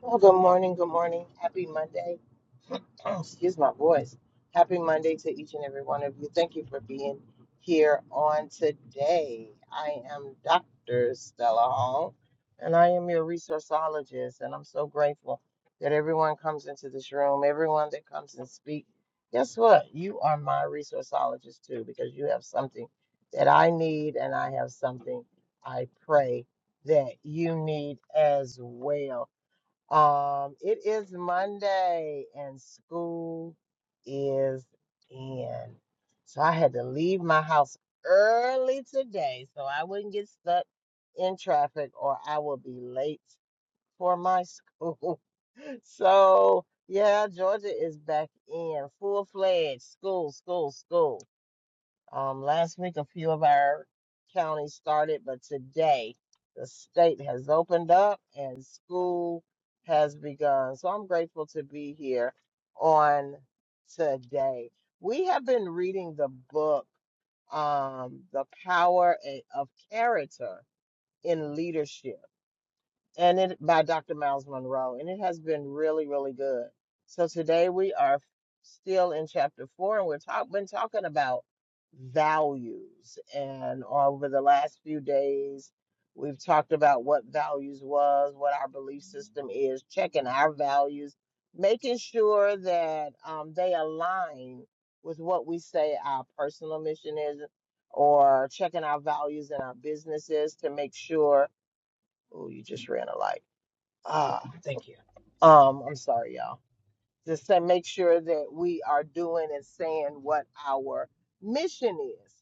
Well, good morning. Good morning. Happy Monday. Excuse my voice. Happy Monday to each and every one of you. Thank you for being here on today. I am Dr. Stella Hall, and I am your resourceologist. And I'm so grateful that everyone comes into this room, everyone that comes and speak. Guess what? You are my resourceologist too, because you have something that I need, and I have something I pray that you need as well. Um, it is Monday and school is in. So I had to leave my house early today so I wouldn't get stuck in traffic or I will be late for my school. So yeah, Georgia is back in full fledged school, school, school. Um, last week, a few of our counties started, but today the state has opened up and school has begun. So I'm grateful to be here on today. We have been reading the book, um, The Power A- of Character in Leadership and it by Dr. Miles Monroe, and it has been really, really good. So today we are still in chapter four, and we're talk, been talking about values, and over the last few days, we've talked about what values was, what our belief system is, checking our values, making sure that um, they align with what we say our personal mission is, or checking our values in our businesses to make sure. Oh, you just ran a light uh, um, I'm sorry, y'all. Just to make sure that we are doing and saying what our mission is.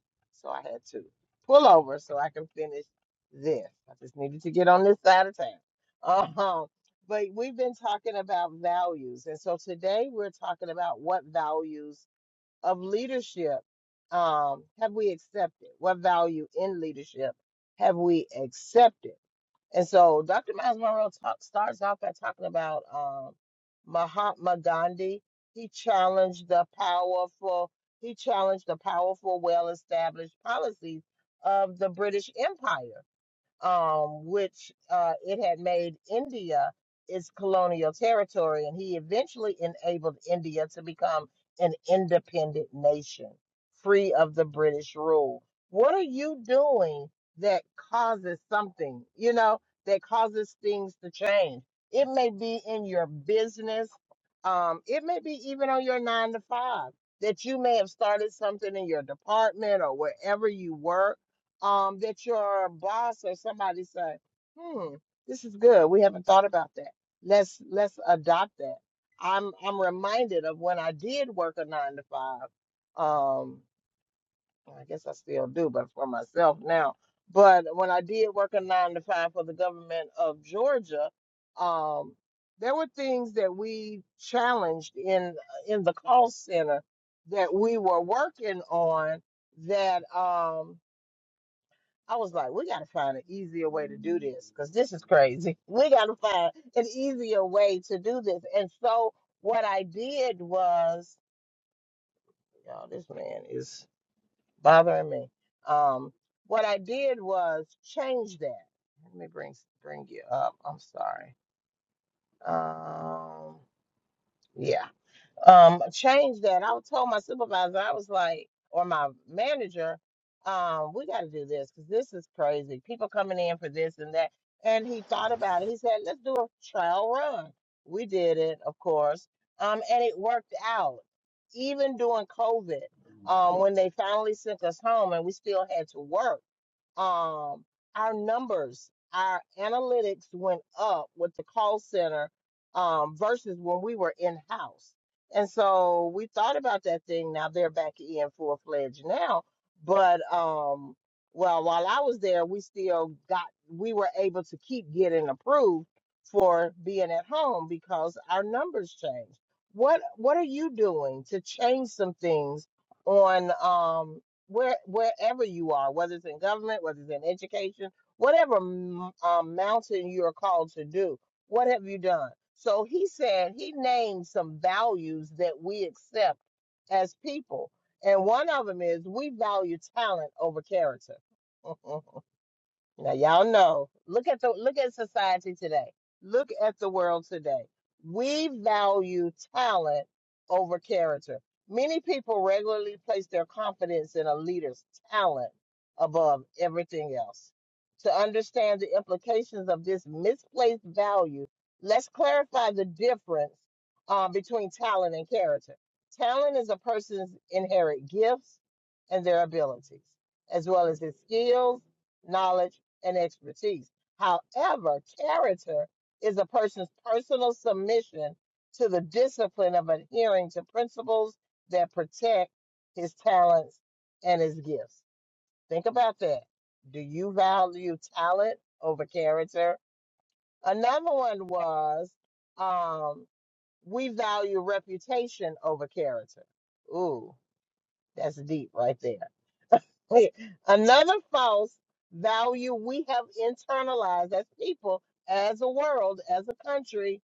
So I had to pull over so I can finish this. I just needed to get on this side of town. Um, but we've been talking about values, and so today we're talking about what values of leadership um, have we accepted? What value in leadership have we accepted? And so Dr. Miles Monroe talk, starts off by talking about um, Mahatma Gandhi. He challenged the powerful, he challenged the powerful, well-established policies of the British Empire um, which uh, it had made India its colonial territory, and he eventually enabled India to become an independent nation, free of the British rule. What are you doing that causes something, you know, that causes things to change? It may be in your business, um, it may be even on your nine to five that you may have started something in your department or wherever you work um, that your boss or somebody say, "Hmm, this is good. We haven't thought about that. Let's let's adopt that." I'm I'm reminded of when I did work a nine to five. Um, I guess I still do, but for myself now. But when I did work a nine to five for the government of Georgia, um, there were things that we challenged in in the call center that we were working on that. Um, I was like, we got to find an easier way to do this because this is crazy. We got to find an easier way to do this. And so what I did was, y'all, this man is bothering me. Um, what I did was change that. Let me bring bring you up. I'm sorry. Um, yeah. um change that. I told my supervisor, I was like, or my manager, um, we got to do this because this is crazy. People coming in for this and that. And he thought about it. He said, let's do a trial run. We did it, of course, um, and it worked out. Even during COVID, um, when they finally sent us home and we still had to work um, our numbers, our analytics went up with the call center um, versus when we were in house. And so we thought about that thing. Now they're back in full fledged now, but um, well, while I was there, we still got we were able to keep getting approved for being at home because our numbers changed. What what are you doing to change some things on um, where wherever you are, whether it's in government, whether it's in education, whatever m- um, mountain you're called to do, what have you done? So he said he named some values that we accept as people, and one of them is we value talent over character. Now y'all know. Look at the look at society today. Look at the world today. We value talent over character. Many people regularly place their confidence in a leader's talent above everything else. To understand the implications of this misplaced value, let's clarify the difference uh, between talent and character. Talent is a person's inherent gifts and their abilities, as well as his skills, knowledge, and expertise. However, character is a person's personal submission to the discipline of adhering to principles that protect his talents and his gifts. Think about that. Do you value talent over character? Another one was um, we value reputation over character. Ooh, that's deep right there Wait, another false value we have internalized as people, as a world, as a country,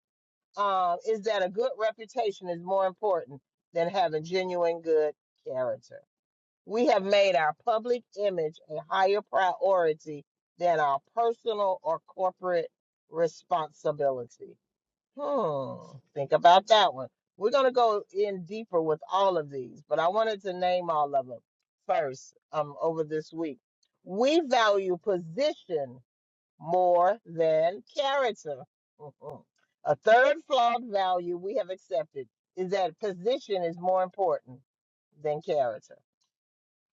um, is that a good reputation is more important than having genuine good character. We have made our public image a higher priority than our personal or corporate responsibility. Hmm. Think about that one. We're going to go in deeper with all of these, but I wanted to name all of them first um, over this week. We value position more than character. Mhm. A third flawed value we have accepted is that position is more important than character.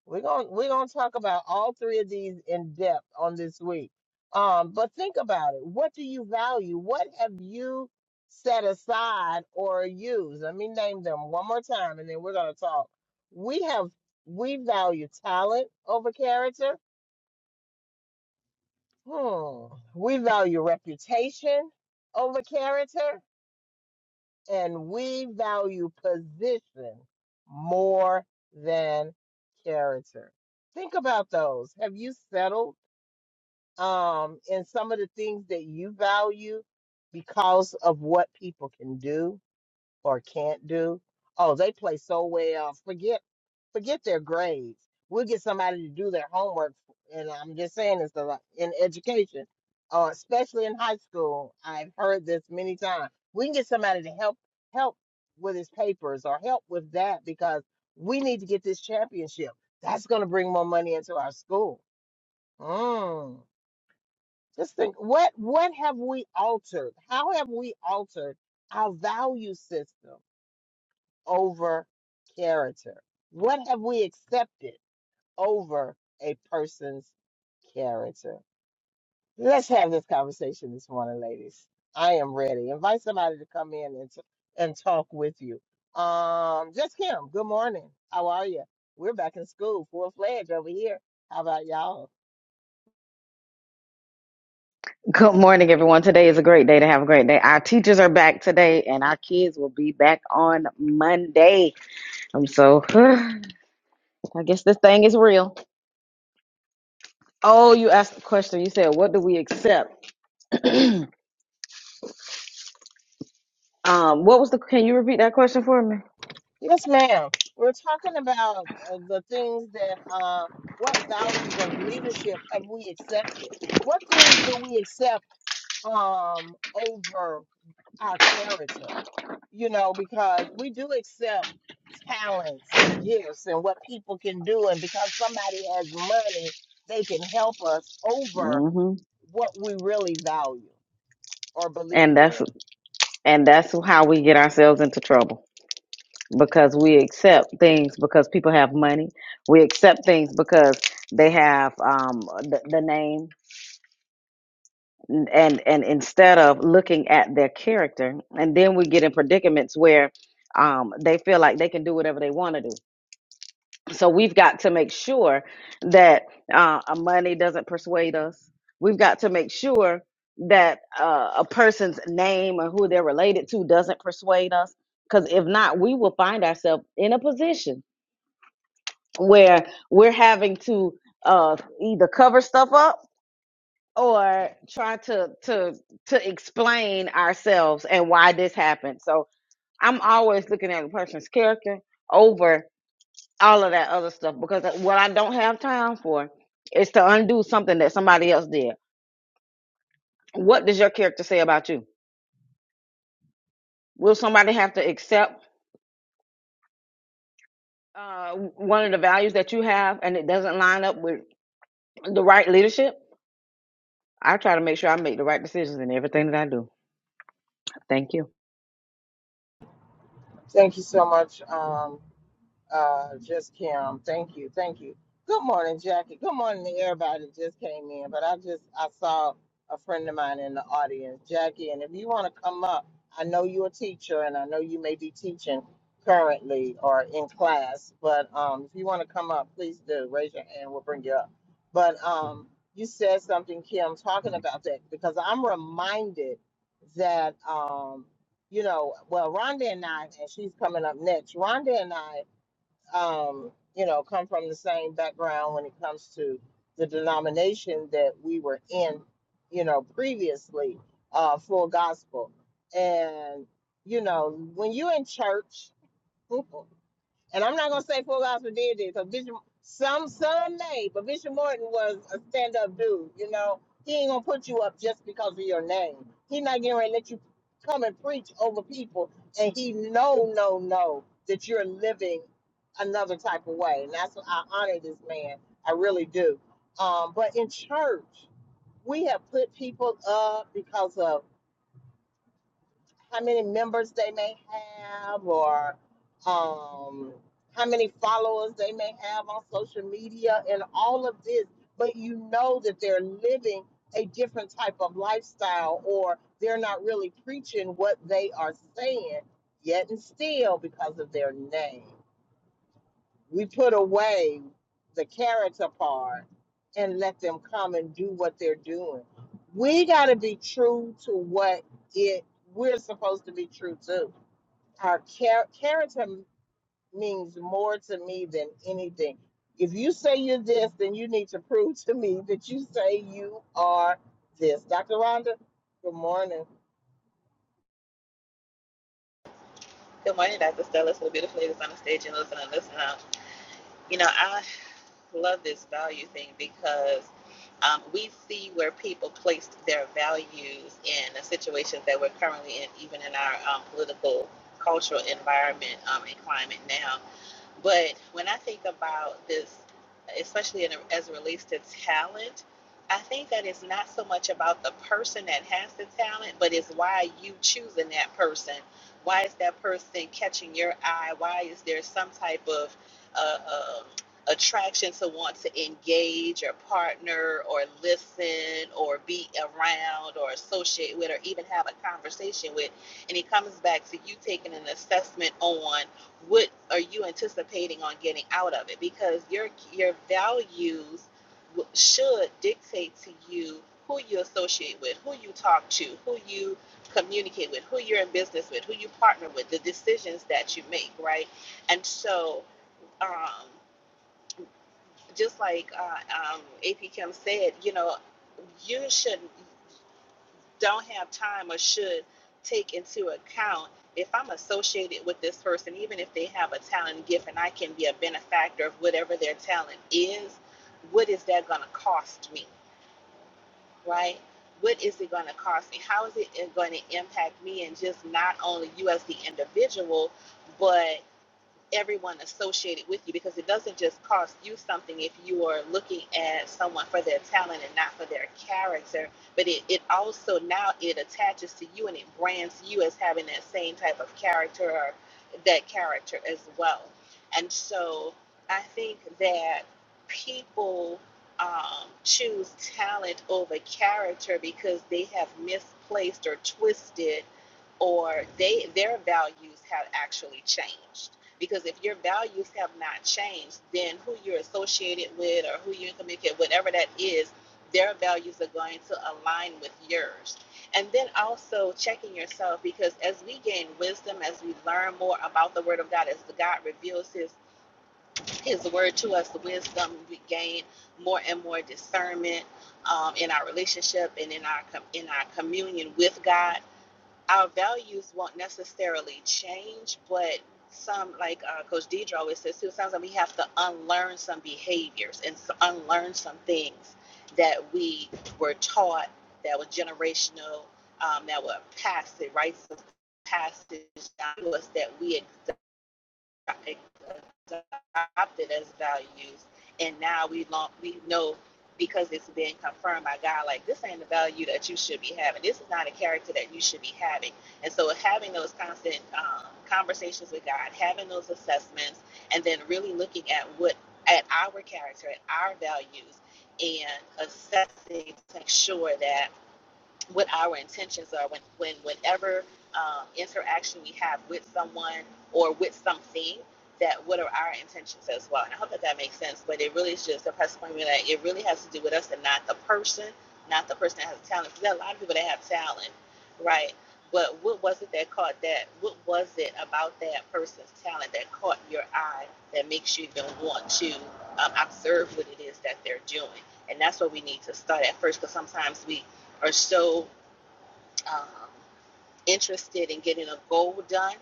We're going we're going to talk about all three of these in depth on this week. Um, but think about it. What do you value? What have you set aside or used? Let me name them one more time, and then we're going to talk. We have we value talent over character. Hmm. We value reputation over character, and we value position more than character. Think about those. Have you settled? um, and some of the things that you value because of what people can do or can't do. Oh, they play so well. Forget forget their grades. We'll get somebody to do their homework. And I'm just saying this a lot in education, uh, especially in high school. I've heard this many times. We can get somebody to help help with his papers or help with that because we need to get this championship. That's going to bring more money into our school. Mm. Just think, what what have we altered? How have we altered our value system over character? What have we accepted over a person's character? Let's have this conversation this morning, ladies. I am ready. Invite somebody to come in and t- and talk with you. Um, just Kim. Good morning. How are you? We're back in school, full fledged over here. How about y'all? Good morning, everyone. Today is a great day to have a great day. Our teachers are back today, and our kids will be back on Monday. I'm so, I guess this thing is real. Oh, you asked a question. You said, What do we accept? um, what was the, can you repeat that question for me? Yes, ma'am. We're talking about uh, the things that, uh, what values of leadership have we accepted? What things do we accept um, over our character? You know, because we do accept talents and gifts and what people can do, and because somebody has money, they can help us over hmm what we really value or And believe that's, in. and that's how we get ourselves into trouble because we accept things because people have money. We accept things because they have um, the, the name. and and instead of looking at their character and then we get in predicaments where um, they feel like they can do whatever they want to do so we've got to make sure that uh, our money doesn't persuade us we've got to make sure that uh, a person's name or who they're related to doesn't persuade us because if not we will find ourselves in a position where we're having to uh, either cover stuff up or try to to to explain ourselves and why this happened. So I'm always looking at a person's character over all of that other stuff because what I don't have time for is to undo something that somebody else did. What does your character say about you? Will somebody have to accept uh, one of the values that you have and it doesn't line up with the right leadership? I try to make sure I make the right decisions in everything that I do. Thank you. Thank you so much, um, Uh, just Kim, thank you, thank you. Good morning, Jackie. Good morning to everybody that just came in. But I just I saw a friend of mine in the audience, Jackie. And if you want to come up, I know you're a teacher, and I know you may be teaching currently or in class. But um, if you want to come up, please do raise your hand. We'll bring you up. But um, you said something, Kim, talking about that because I'm reminded that um, you know, well, Rhonda and I, and she's coming up next. Rhonda and I um, you know, come from the same background when it comes to the denomination that we were in, you know, previously, uh, full gospel. And, you know, when you are in church, and I'm not gonna say full gospel did this. So Bishop, some some may, but Bishop Morton was a stand up dude. You know, he ain't gonna put you up just because of your name. He not getting ready to let you come and preach over people. And he no no no that you're living another type of way. And that's what I honor this man. I really do. Um, but in church, we have put people up because of how many members they may have or um, how many followers they may have on social media and all of this, but you know that they're living a different type of lifestyle or they're not really preaching what they are saying, yet and still because of their name we put away the character part and let them come and do what they're doing. We got to be true to what it we're supposed to be true to. Our char- character means more to me than anything. If you say you're this, then you need to prove to me that you say you are this. Dr. Rhonda, good morning. Good morning, Dr. Stella, to the beautiful ladies on the stage and listening and listening. Um, You know, I love this value thing because um, we see where people placed their values in the situations that we're currently in, even in our um, political, cultural environment um, and climate now. But when I think about this, especially in, a, as it relates to talent, I think that it's not so much about the person that has the talent, but it's why you choosing that person. Why is that person catching your eye? Why is there some type of uh, um, attraction to want to engage or partner or listen or be around or associate with or even have a conversation with? And it comes back to you taking an assessment on what are you anticipating on getting out of it because your your values w- should dictate to you who you associate with who you talk to who you communicate with who you're in business with who you partner with the decisions that you make right and so um, just like uh, um, ap kim said you know you should don't have time or should take into account if I'm associated with this person, even if they have a talent gift and I can be a benefactor of whatever their talent is, what is that going to cost me, right? What is it going to cost me? How is it going to impact me and just not only you as the individual, but everyone associated with you because it doesn't just cost you something if you are looking at someone for their talent and not for their character but it, it also now it attaches to you and it brands you as having that same type of character or that character as well and so i think that people um, choose talent over character because they have misplaced or twisted or they their values have actually changed because if your values have not changed, then who you're associated with or who you're communicating, whatever that is, their values are going to align with yours. And then also checking yourself because as we gain wisdom, as we learn more about the word of God, as God reveals his his word to us, the wisdom we gain more and more discernment um, in our relationship and in our in our communion with God our values won't necessarily change, but some, like uh, Coach Deidre always says, too, sounds like we have to unlearn some behaviors and unlearn some things that we were taught that were generational, um, that were passed, the rites of passage down to us that we right? adopted as values, and now we long, we know because it's been confirmed by God, like this ain't the value that you should be having. This is not a character that you should be having. And so, having those constant um, conversations with God, having those assessments, and then really looking at what at our character, at our values, and assessing to make sure that what our intentions are when, when whenever um, interaction we have with someone or with something that what are our intentions as well and i hope that that makes sense but it really is just a press point that it really has to do with us and not the person not the person that has talent because there are a lot of people that have talent right but what was it that caught that what was it about that person's talent that caught your eye that makes you even want to um, observe what it is that they're doing and that's what we need to start at first because sometimes we are so um, interested in getting a goal done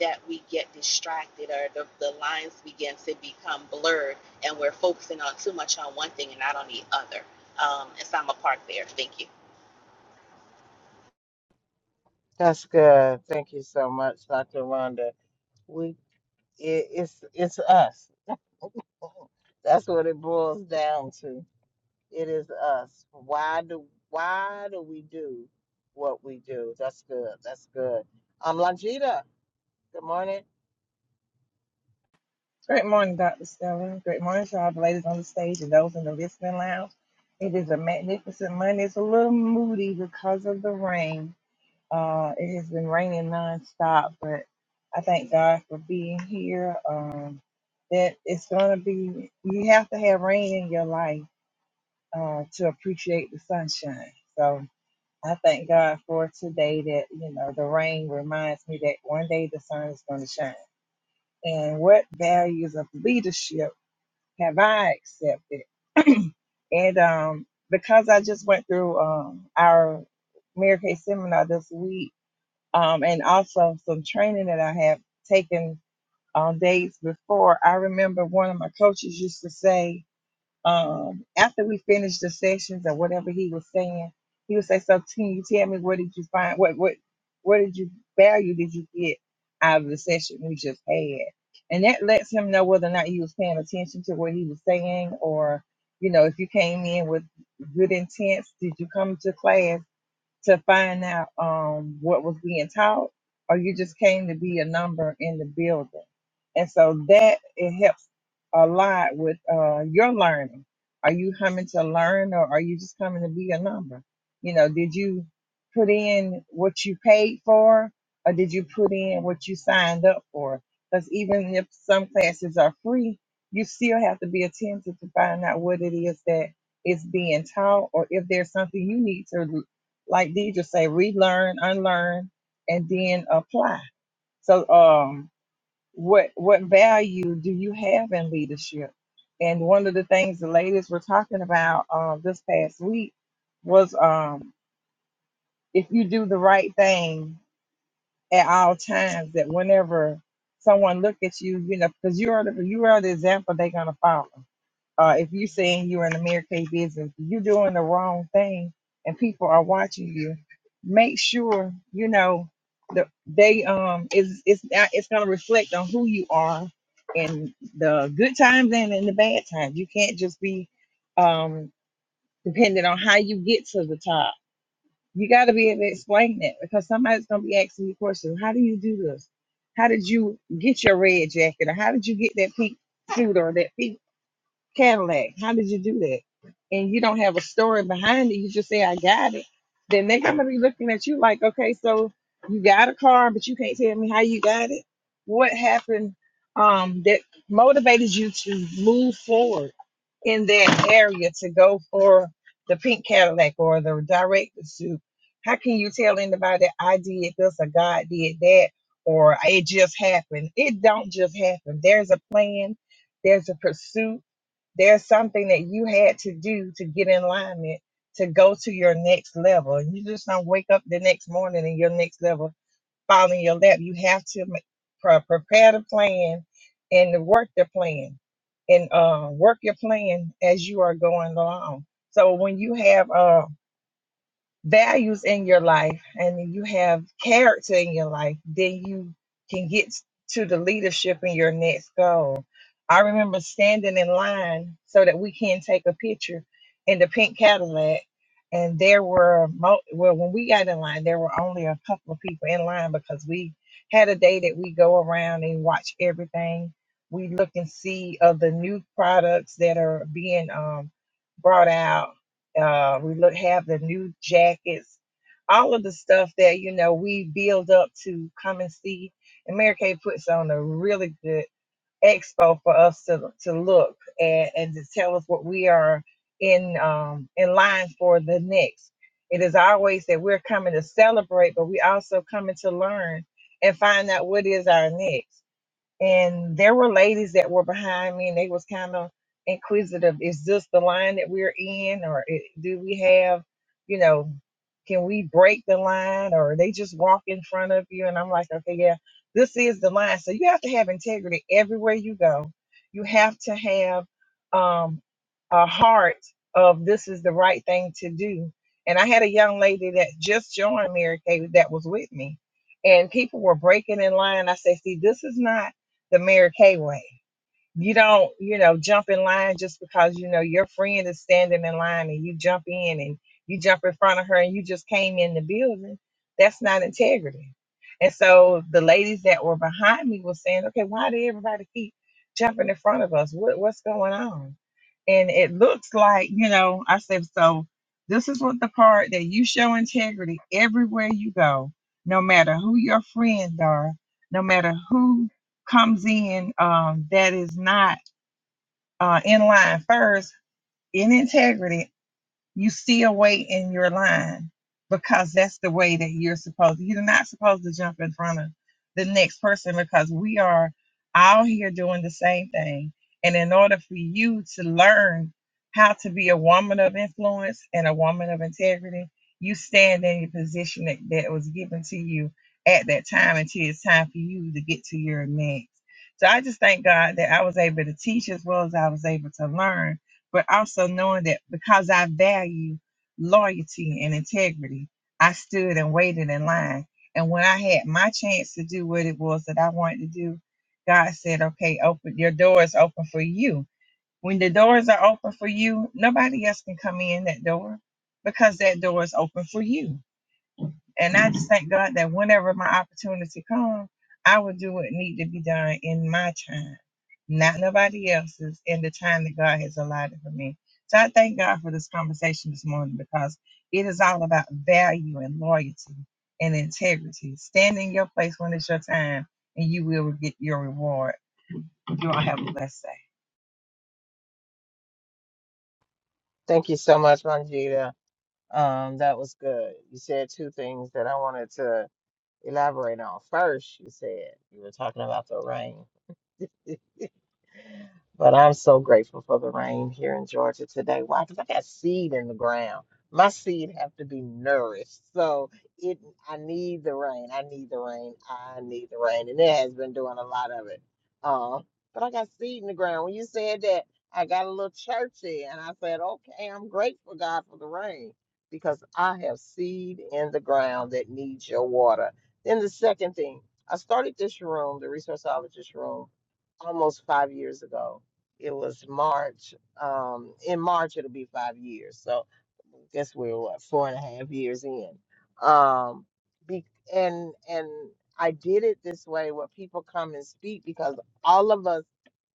that we get distracted or the, the lines begin to become blurred and we're focusing on too much on one thing and not on the other. Um, and so I'm a part there. Thank you. That's good. Thank you so much, Dr. Rhonda. We it, it's it's us. That's what it boils down to. It is us. Why do why do we do what we do? That's good. That's good. Um, Longita, good morning. Great morning, Dr. Stella. Great morning to all the ladies on the stage and those in the listening lounge. It is a magnificent Monday. It's a little moody because of the rain. Uh, it has been raining nonstop, but I thank God for being here. Um, that it's going to be, you have to have rain in your life uh, to appreciate the sunshine. So I thank God for today that, you know, the rain reminds me that one day the sun is going to shine. And what values of leadership have I accepted? And um, because I just went through um, our Mary Kay seminar this week, um, and also some training that I have taken on days before, I remember one of my coaches used to say, um, after we finished the sessions or whatever he was saying, he would say, "So, can you tell me what did you find? What what what did you value did you get out of the session we just had?" And that lets him know whether or not he was paying attention to what he was saying, or you know, if you came in with good intents, did you come to class? to find out um, what was being taught, or you just came to be a number in the building. And so that it helps a lot with uh, your learning. Are you coming to learn, or are you just coming to be a number? You know, did you put in what you paid for, or did you put in what you signed up for? Because even if some classes are free, you still have to be attentive to find out what it is that is being taught, or if there's something you need to like Deidre say, relearn, unlearn, and then apply. So, um, what what value do you have in leadership? And one of the things the ladies were talking about uh, this past week was um, if you do the right thing at all times, that whenever someone look at you, you know, because you are the you are the example they're gonna follow. Uh, if you're saying you're in the Mary Kay business, you're doing the wrong thing, and people are watching you. Make sure you know the they um is it's it's it's gonna reflect on who you are in the good times and in the bad times. You can't just be um dependent on how you get to the top. You got to be able to explain that because somebody's gonna be asking you questions. How do you do this? How did you get your red jacket? Or how did you get that pink suit or that pink Cadillac. How did you do that? And you don't have a story behind it. You just say, I got it. Then they're going to be looking at you like, okay, so you got a car, but you can't tell me how you got it. What happened um, that motivated you to move forward in that area to go for the pink Cadillac or the director's suit? How can you tell anybody I did this or God did that or it just happened? It don't just happen. There's a plan, there's a pursuit there's something that you had to do to get in alignment to go to your next level. And You just don't wake up the next morning and your next level fall in your lap. You have to ma- pre- prepare the plan and work the plan and uh, work your plan as you are going along. So when you have uh, values in your life and you have character in your life, then you can get to the leadership in your next goal. I remember standing in line so that we can take a picture in the pink Cadillac. And there were, mo- well, when we got in line, there were only a couple of people in line because we had a day that we go around and watch everything. We look and see of the new products that are being um, brought out uh, we look have the new jackets, all of the stuff that you know we build up to come and see. And Mary Kay puts on a really good expo for us to to look and, and to tell us what we are in um, in line for the next. It is always that we're coming to celebrate, but we also coming to learn and find out what is our next and there were ladies that were behind me and they was kind of inquisitive is this the line that we're in or i- do we have you know can we break the line or they just walk in front of you and i'm like okay yeah this is the line so you have to have integrity everywhere you go you have to have um, a heart of this is the right thing to do and i had a young lady that just joined mary kay that was with me and people were breaking in line i said see this is not the Mary Kay way. You don't, you know, jump in line just because you know your friend is standing in line and you jump in and you jump in front of her and you just came in the building. That's not integrity. And so the ladies that were behind me were saying, okay, why did everybody keep jumping in front of us? What, what's going on? And it looks like, you know, I said, so this is what the part that you show integrity everywhere you go, no matter who your friends are, no matter who comes in um, that is not uh, in line first in integrity you still wait in your line because that's the way that you're supposed to. you're not supposed to jump in front of the next person because we are all here doing the same thing and in order for you to learn how to be a woman of influence and a woman of integrity you stand in your position that, that was given to you at that time until it's time for you to get to your next so i just thank god that i was able to teach as well as i was able to learn but also knowing that because I value loyalty and integrity, I stood and waited in line. And when I had my chance to do what it was that I wanted to do, God said, okay, open your door is open for you. When the doors are open for you, nobody else can come in that door because that door is open for you and I just thank God that whenever my opportunity comes, I will do what need to be done in my time, not nobody else's, in the time that God has allotted for me. So I thank God for this conversation this morning because it is all about value and loyalty and integrity. Stand in your place when it's your time and you will get your reward. You all have a blessed day. Thank you so much, Longita. Um, that was good. You said two things that I wanted to elaborate on. First, you said you were talking about the rain. But I'm so grateful for the rain here in Georgia today. Why? Because I got seed in the ground. My seed have to be nourished. So it I need the rain. I need the rain. I need the rain. And it has been doing a lot of it. Uh, but I got seed in the ground. When you said that, I got a little churchy and I said, okay, I'm grateful, God, for the rain because I have seed in the ground that needs your water. Then the second thing, I started this room, the resourceologist room, almost five years ago it was March. Um, in March, it'll be five years. So guess we're what four and a half years in um be, and and i did it this way where people come and speak because all of us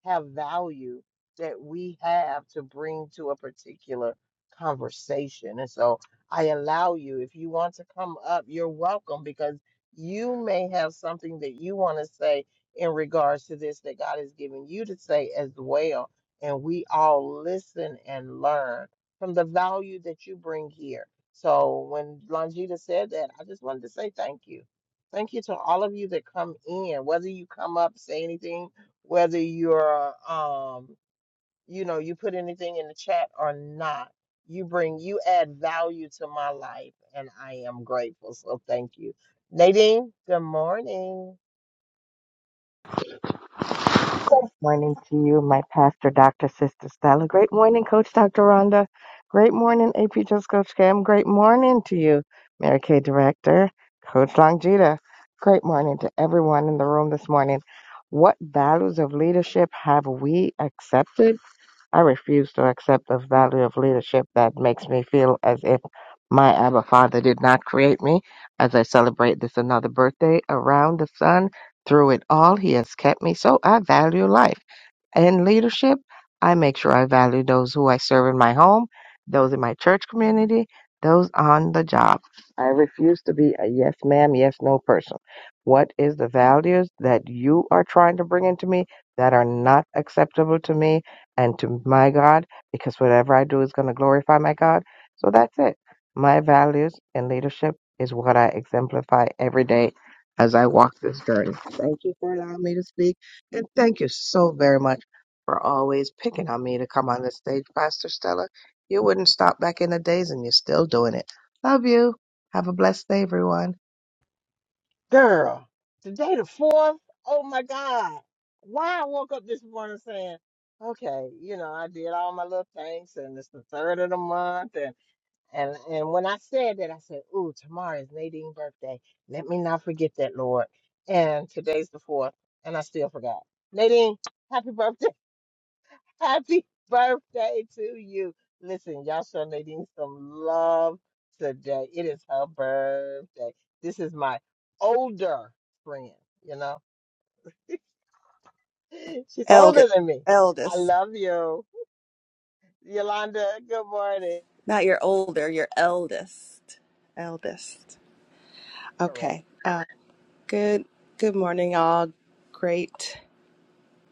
have value that we have to bring to a particular conversation and so i allow you if you want to come up you're welcome because you may have something that you want to say in regards to this that god has given you to say as well and we all listen and learn from the value that you bring here. So when Longita said that, I just wanted to say thank you. Thank you to all of you that come in, whether you come up, say anything, whether you're um, you know, you put anything in the chat or not. You bring you add value to my life and I am grateful. So thank you. Nadine, good morning. Morning to you, my pastor, Dr. Sister Stella. Great morning, Coach Dr. Rhonda. Great morning, AP Just Coach Cam. Great morning to you, Mary Kay Director, Coach Longita. Great morning to everyone in the room this morning. What values of leadership have we accepted? I refuse to accept the value of leadership that makes me feel as if my Abba Father did not create me. As I celebrate this another birthday around the sun, through it all, He has kept me, so I value life in leadership, I make sure I value those who I serve in my home, those in my church community, those on the job. I refuse to be a yes ma'am, yes no person. What is the values that you are trying to bring into me that are not acceptable to me and to my God? Because whatever I do is going to glorify my God. So that's it. My values in leadership is what I exemplify every day as I walk this journey. Thank you for allowing me to speak. And thank you so very much for always picking on me to come on this stage, Pastor Stella. You wouldn't stop back in the days and you're still doing it. Love you. Have a blessed day, everyone. Girl, today the fourth. Oh my God. Why I woke up this morning saying, okay, you know, I did all my little things and it's the third of the month. And and and when I said that, I said, ooh, tomorrow is Nadine's birthday. Let me not forget that, Lord. And today's the fourth, and I still forgot. Nadine, happy birthday. Happy birthday to you. Listen, y'all show Nadine some love today. It is her birthday. This is my older friend, you know. She's older Eldest. than me. I Eldest. love you. Yolanda, good morning. Not your older, your eldest. Eldest. Correct. Okay. Uh, good good morning all. Great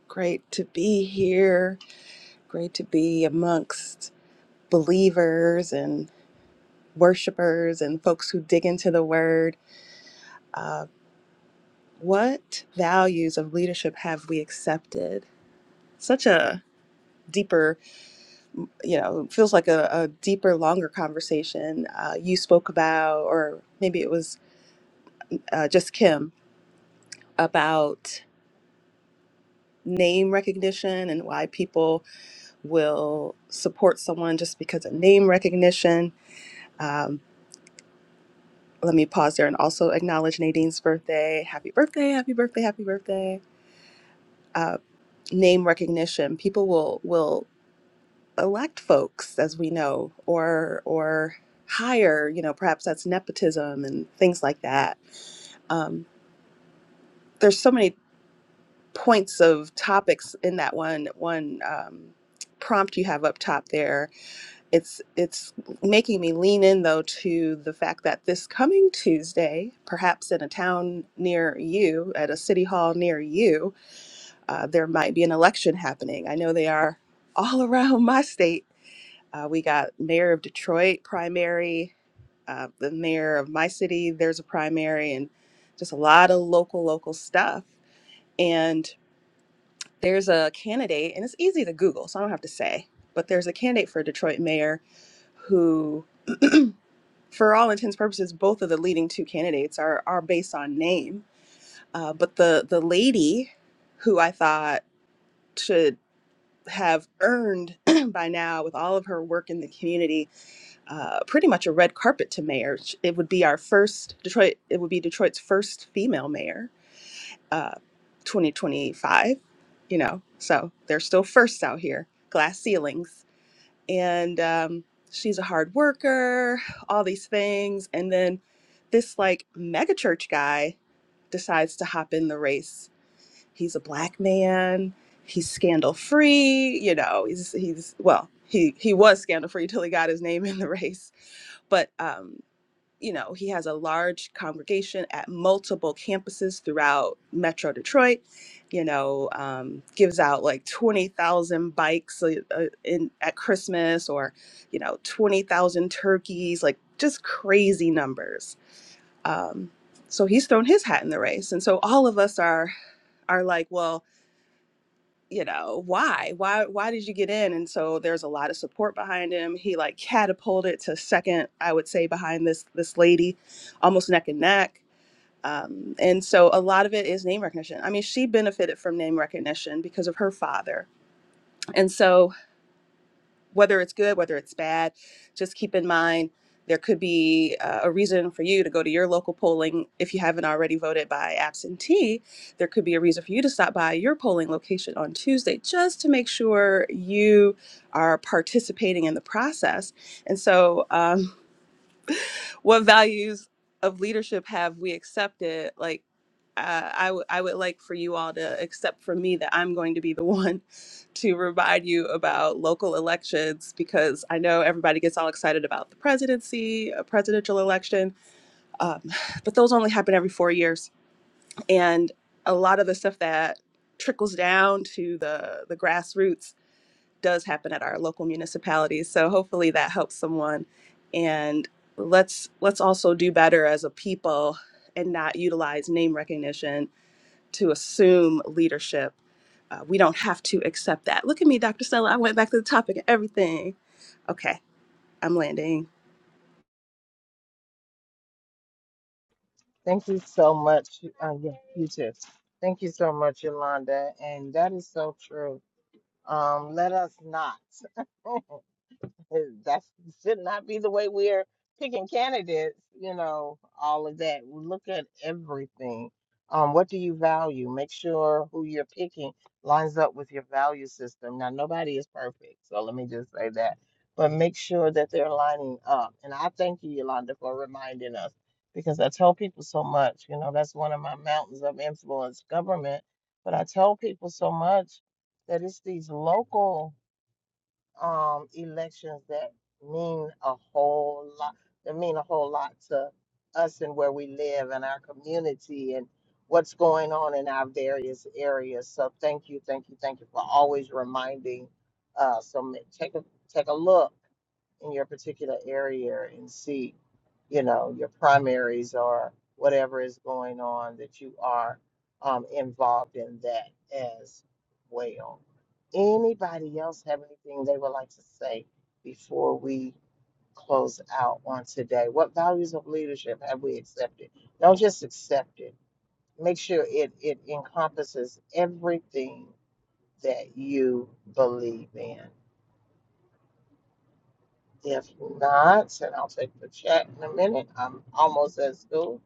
great to be here. Great to be amongst believers and worshipers and folks who dig into the word. What values of leadership have we accepted? Such a deeper you know, feels like a, a deeper, longer conversation. Uh, you spoke about, or maybe it was uh, just Kim about name recognition and why people will support someone just because of name recognition. Um, let me pause there and also acknowledge Nadine's birthday. Happy birthday! Happy birthday! Happy birthday! Uh, name recognition. People will will elect folks, as we know, or or hire. You know, perhaps that's nepotism and things like that. Um, there's so many points of topics in that one one um, prompt you have up top there it's it's making me lean in though to the fact that this coming Tuesday, perhaps in a town near you, at a city hall near you, uh, there might be an election happening. I know they are all around my state. Uh, we got mayor of Detroit primary, uh, the mayor of my city. There's a primary, and just a lot of local local stuff. And there's a candidate, and it's easy to Google, so I don't have to say. But there's a candidate for Detroit mayor who for all intents and purposes, both of the leading two candidates are are based on name. Uh, but the the lady who I thought should have earned by now, with all of her work in the community, uh, pretty much a red carpet to mayor. Sh- It would be our first Detroit. It would be Detroit's first female mayor, uh, 2025. You know, so they're still firsts out here. Glass ceilings and um, she's a hard worker, all these things. And then this like megachurch guy decides to hop in the race. He's a black man. He's scandal free. You know, he's he's well, he he was scandal free till he got his name in the race. But um, you know, he has a large congregation at multiple campuses throughout Metro Detroit. You know, um, gives out like twenty thousand bikes uh, uh, in at Christmas, or you know, twenty thousand turkeys, like just crazy numbers. Um, so he's thrown his hat in the race, and so all of us are are like, well, you know why why why did you get in and so there's a lot of support behind him he like catapulted to second i would say behind this this lady almost neck and neck um, and so a lot of it is name recognition i mean she benefited from name recognition because of her father and so whether it's good, whether it's bad, just keep in mind there could be uh, a reason for you to go to your local polling if you haven't already voted by absentee. There could be a reason for you to stop by your polling location on Tuesday just to make sure you are participating in the process. And so, um, what values of leadership have we accepted like uh, I, w- I would like for you all to accept from me that i'm going to be the one to remind you about local elections because i know everybody gets all excited about the presidency a presidential election um, but those only happen every four years and a lot of the stuff that trickles down to the the grassroots does happen at our local municipalities. So hopefully that helps someone. And let's let's also do better as a people and not utilize name recognition to assume leadership. Uh, we don't have to accept that. Look at me, Dr. Stella. I went back to the topic and everything. Okay, I'm landing. Thank you so much. Uh, yeah, you too. Thank you so much, Yolanda. And that is so true. Um, let us not. That's should not be the way we're picking candidates, you know, all of that. We Look at everything. Um, what do you value? Make sure who you're picking lines up with your value system. Now, nobody is perfect, so let me just say that. But make sure that they're lining up. And I thank you, Yolanda, for reminding us because I tell people so much. You know, that's one of my mountains of influence, government. But I tell people so much that it's these local um, elections that mean a whole lot, that mean a whole lot to us and where we live and our community and what's going on in our various areas. So thank you, thank you, thank you for always reminding us. So ma- take a, take a look in your particular area and see, you know, your primaries or whatever is going on that you are um, involved in that as well. Anybody else have anything they would like to say before we close out on today? What values of leadership have we accepted? Don't just accept it. Make sure it, it encompasses everything that you believe in. If not, then I'll take the chat in a minute. I'm almost at school.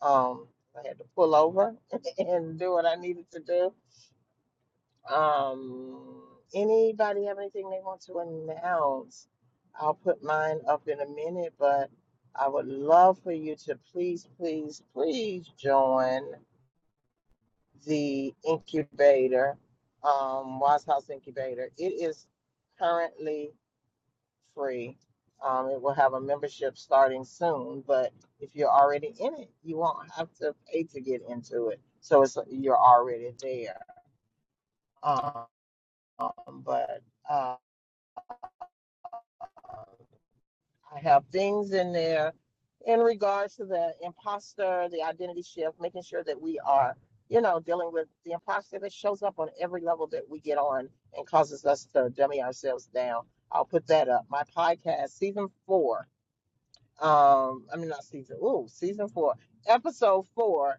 Um, I had to pull over and do what I needed to do. Um, anybody have anything they want to announce? I'll put mine up in a minute, but I would love for you to please, please, please join the incubator, um, Wise House Incubator. It is currently free. Um, it will have a membership starting soon, but if you're already in it, you won't have to pay to get into it. So it's you're already there. Um, but uh, I have things in there in regards to the imposter, the identity shift, making sure that we are, you know, dealing with the imposter that shows up on every level that we get on and causes us to dummy ourselves down. I'll put that up. My podcast, season four. um i mean not season oh season four episode four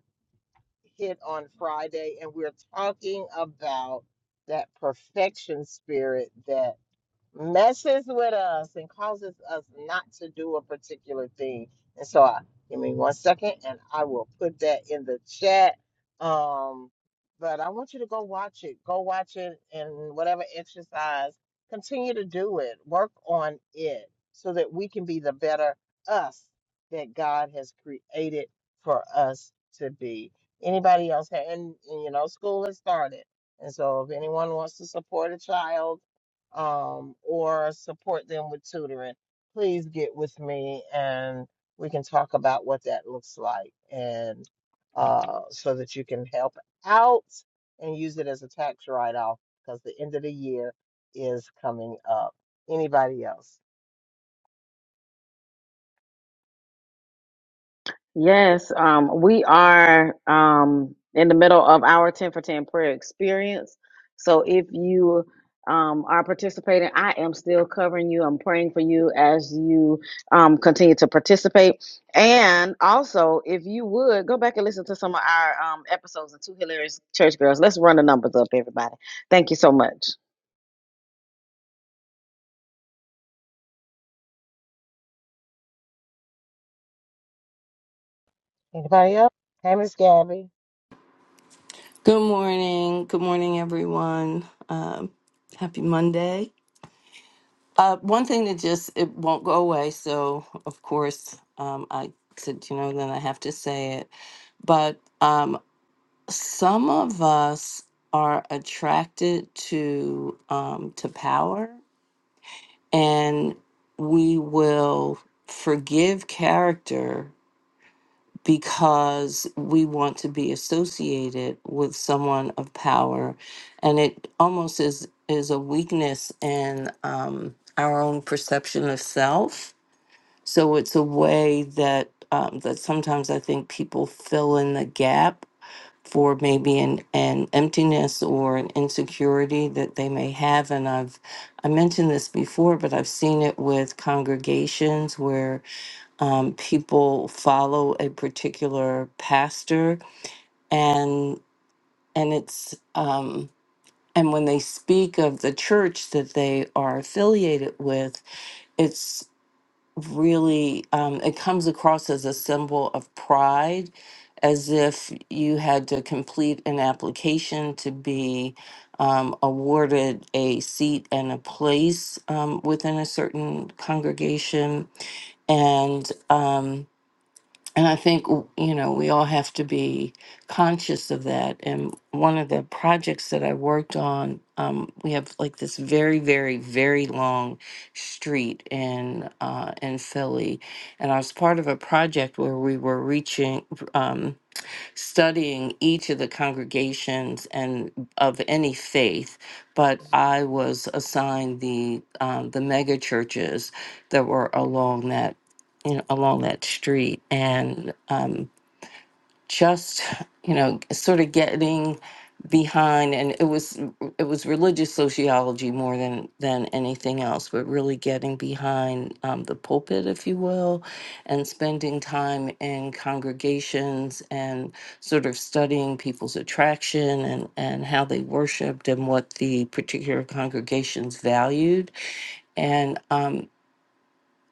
hit on friday and we're talking about that perfection spirit that messes with us and causes us not to do a particular thing. And so, I, give me one second, and I will put that in the chat. Um, but I want you to go watch it. Go watch it, and whatever exercise, continue to do it. Work on it so that we can be the better us that God has created for us to be. Anybody else? And, and you know, school has started, and so if anyone wants to support a child um, or support them with tutoring, please get with me and we can talk about what that looks like and uh, so that you can help out and use it as a tax write off because the end of the year is coming up. Anybody else? Yes, um, we are um, in the middle of our 10 for 10 prayer experience. So if you um, are participating, I am still covering you. I'm praying for you as you um, continue to participate. And also, if you would go back and listen to some of our um, episodes of Two Hilarious Church Girls, let's run the numbers up, everybody. Thank you so much. Anybody else? Hey, Miss Gabby. Good morning. Good morning, everyone. Um, happy Monday. Uh, one thing that just it won't go away. So of course, um, I said, you know, then I have to say it. But um, some of us are attracted to um, to power, and we will forgive character because we want to be associated with someone of power and it almost is is a weakness in um, our own perception of self so it's a way that um, that sometimes i think people fill in the gap for maybe an, an emptiness or an insecurity that they may have and i've i mentioned this before but i've seen it with congregations where um, people follow a particular pastor and and it's um, and when they speak of the church that they are affiliated with it's really um, it comes across as a symbol of pride as if you had to complete an application to be um, awarded a seat and a place um, within a certain congregation and Um, And I think, w- you know, we all have to be conscious of that. And one of the projects that I worked on, um, we have like this very, very, very long street in uh, in Philly, and I was part of a project where we were reaching. Um, studying each of the congregations and of any faith, but I was assigned the um, the mega churches that were along that you know, along that street, and um, just you know sort of getting behind and it was it was religious sociology more than than anything else but really getting behind um, the pulpit if you will and spending time in congregations and sort of studying people's attraction and and how they worshiped and what the particular congregations valued and um,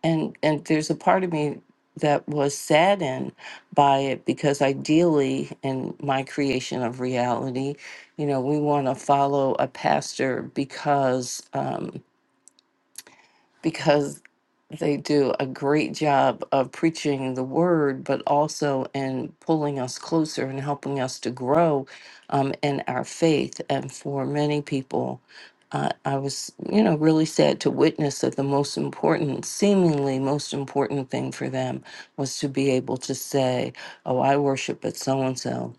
and and there's a part of me that was saddened by it because ideally in my creation of reality you know we want to follow a pastor because um because they do a great job of preaching the word, but also in pulling us closer and helping us to grow um, in our faith. And for many people, uh, I was, you know, really sad to witness that the most important, seemingly most important thing for them was to be able to say, Oh, I worship at so and so,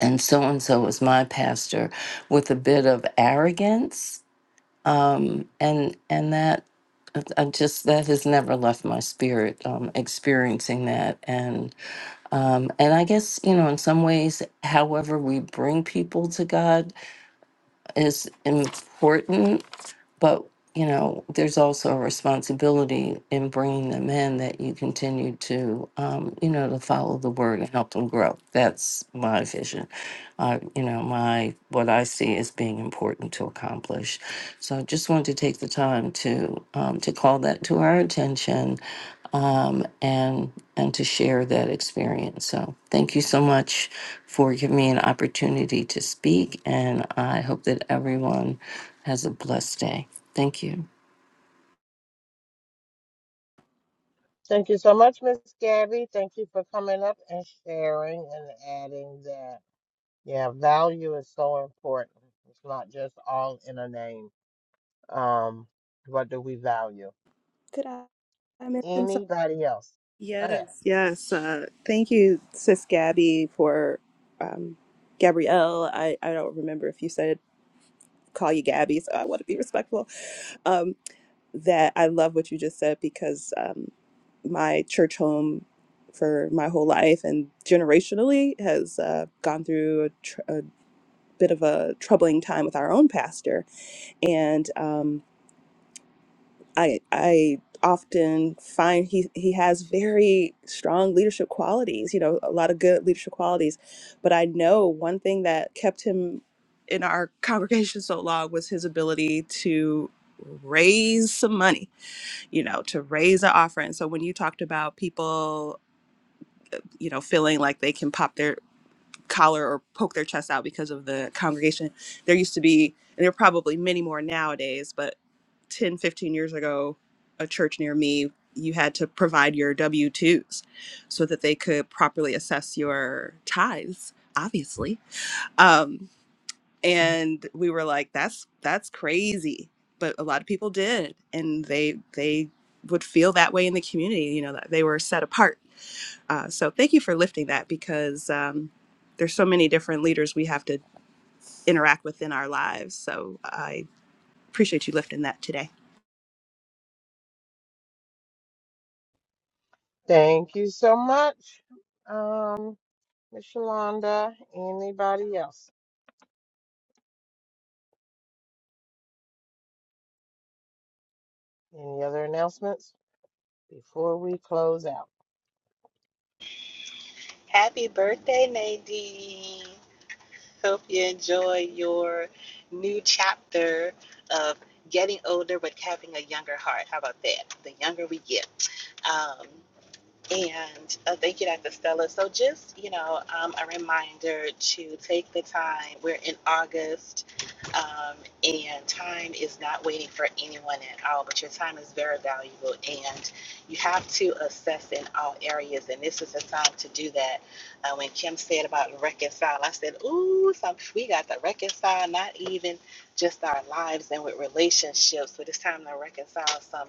and so and so is my pastor, with a bit of arrogance um, and and that I just that has never left my spirit. Um, experiencing that, and um, and I guess you know, in some ways, however we bring people to God is important. But you know, there's also a responsibility in bringing them in that you continue to, um, you know, to follow the word and help them grow. That's my vision. Uh, you know, my what I see as being important to accomplish. So I just wanted to take the time to um, to call that to our attention, um, and and to share that experience. So thank you so much for giving me an opportunity to speak, and I hope that everyone has a blessed day. Thank you. Thank you so much, Miss Gabby. Thank you for coming up and sharing and adding that. Yeah, value is so important. It's not just all in a name. Um, what do we value? Did I, I mention something? Anybody else? Go ahead. Yes, yes. Uh, thank you, Sis Gabby, for um, Gabrielle. I, I don't remember if you said call you Gabby, so I want to be respectful um, that I love what you just said because um, my church home for my whole life and generationally has uh, gone through a, tr- a bit of a troubling time with our own pastor, and um, I I often find he he has very strong leadership qualities. You know, a lot of good leadership qualities, but I know one thing that kept him in our congregation so long was his ability to raise some money you know, to raise an offering. So when you talked about people, you know, feeling like they can pop their collar or poke their chest out because of the congregation, there used to be, and there are probably many more nowadays, but 10, 15 years ago, a church near me, you had to provide your W 2s so that they could properly assess your tithes, obviously. Um, and we were like that's that's crazy but a lot of people did and they they would feel that way in the community you know that they were set apart uh, so thank you for lifting that because um, there's so many different leaders we have to interact with in our lives so i appreciate you lifting that today Thank you so much, um, Ms. Shalonda. Anybody else? Any other announcements before we close out? Happy birthday, Nadine. Hope you enjoy your new chapter of getting older but having a younger heart. How about that? The younger we get. Um, and uh, thank you, Dr. Stella. So, just you know, um, a reminder to take the time. We're in August, um, and time is not waiting for anyone at all. But your time is very valuable, and you have to assess in all areas. And this is the time to do that. Uh, when Kim said about reconcile, I said, "Ooh, some, we got to reconcile. Not even just our lives and with relationships, but it's time to reconcile some."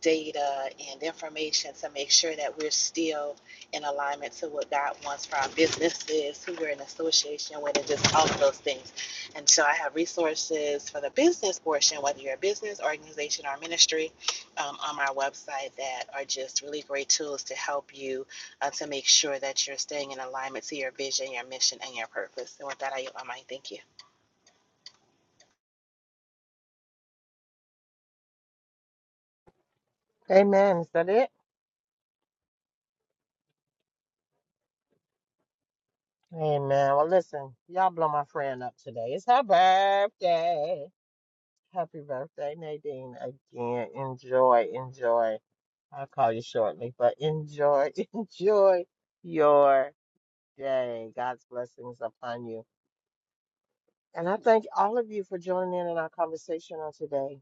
data and information to make sure that we're still in alignment to what God wants for our businesses, who we're in association with, and just all of those things. And so I have resources for the business portion, whether you're a business, organization, or ministry, um, on my website that are just really great tools to help you uh, to make sure that you're staying in alignment to your vision, your mission, and your purpose. And with that, I yield my Thank you. Amen. Is that it? Amen. Well, listen, y'all blow my friend up today. It's her birthday. Happy birthday, Nadine. Again, enjoy, enjoy. I'll call you shortly, but enjoy, enjoy your day. God's blessings upon you. And I thank all of you for joining in on our conversation on today.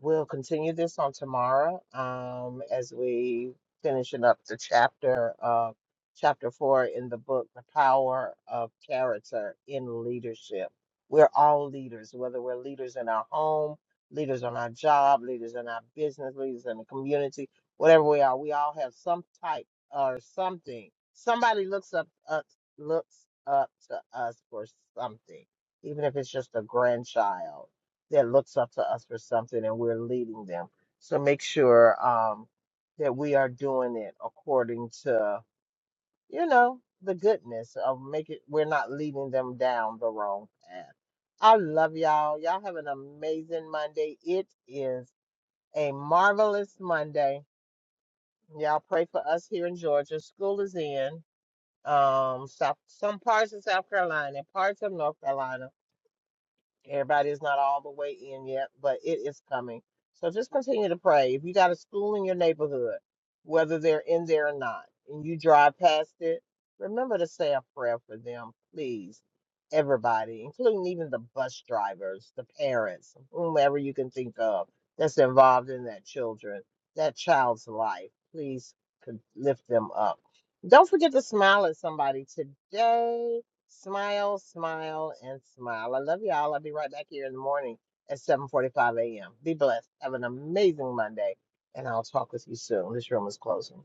We'll continue this on tomorrow um, as we finishing up the chapter of chapter four in the book, The Power of Character in Leadership. We're all leaders, whether we're leaders in our home, leaders on our job, leaders in our business, leaders in the community, whatever we are, we all have some type or something. Somebody looks up, up looks up to us for something, even if it's just a grandchild that looks up to us for something and we're leading them. So make sure um, that we are doing it according to, you know, the goodness of make it we're not leading them down the wrong path. I love y'all. Y'all have an amazing Monday. It is a marvelous Monday. Y'all pray for us here in Georgia. School is in. Um, South, some parts of South Carolina, parts of North Carolina Everybody's not all the way in yet, but it is coming. So just continue to pray. If you got a school in your neighborhood, whether they're in there or not, and you drive past it, remember to say a prayer for them, please. Everybody, including even the bus drivers, the parents, whomever you can think of that's involved in that children, that child's life. Please con- lift them up. Don't forget to smile at somebody today Smile, smile, and smile. I love y'all. I'll be right back here in the morning at 7:45 a.m. Be blessed. Have an amazing Monday, and I'll talk with you soon. This room is closing.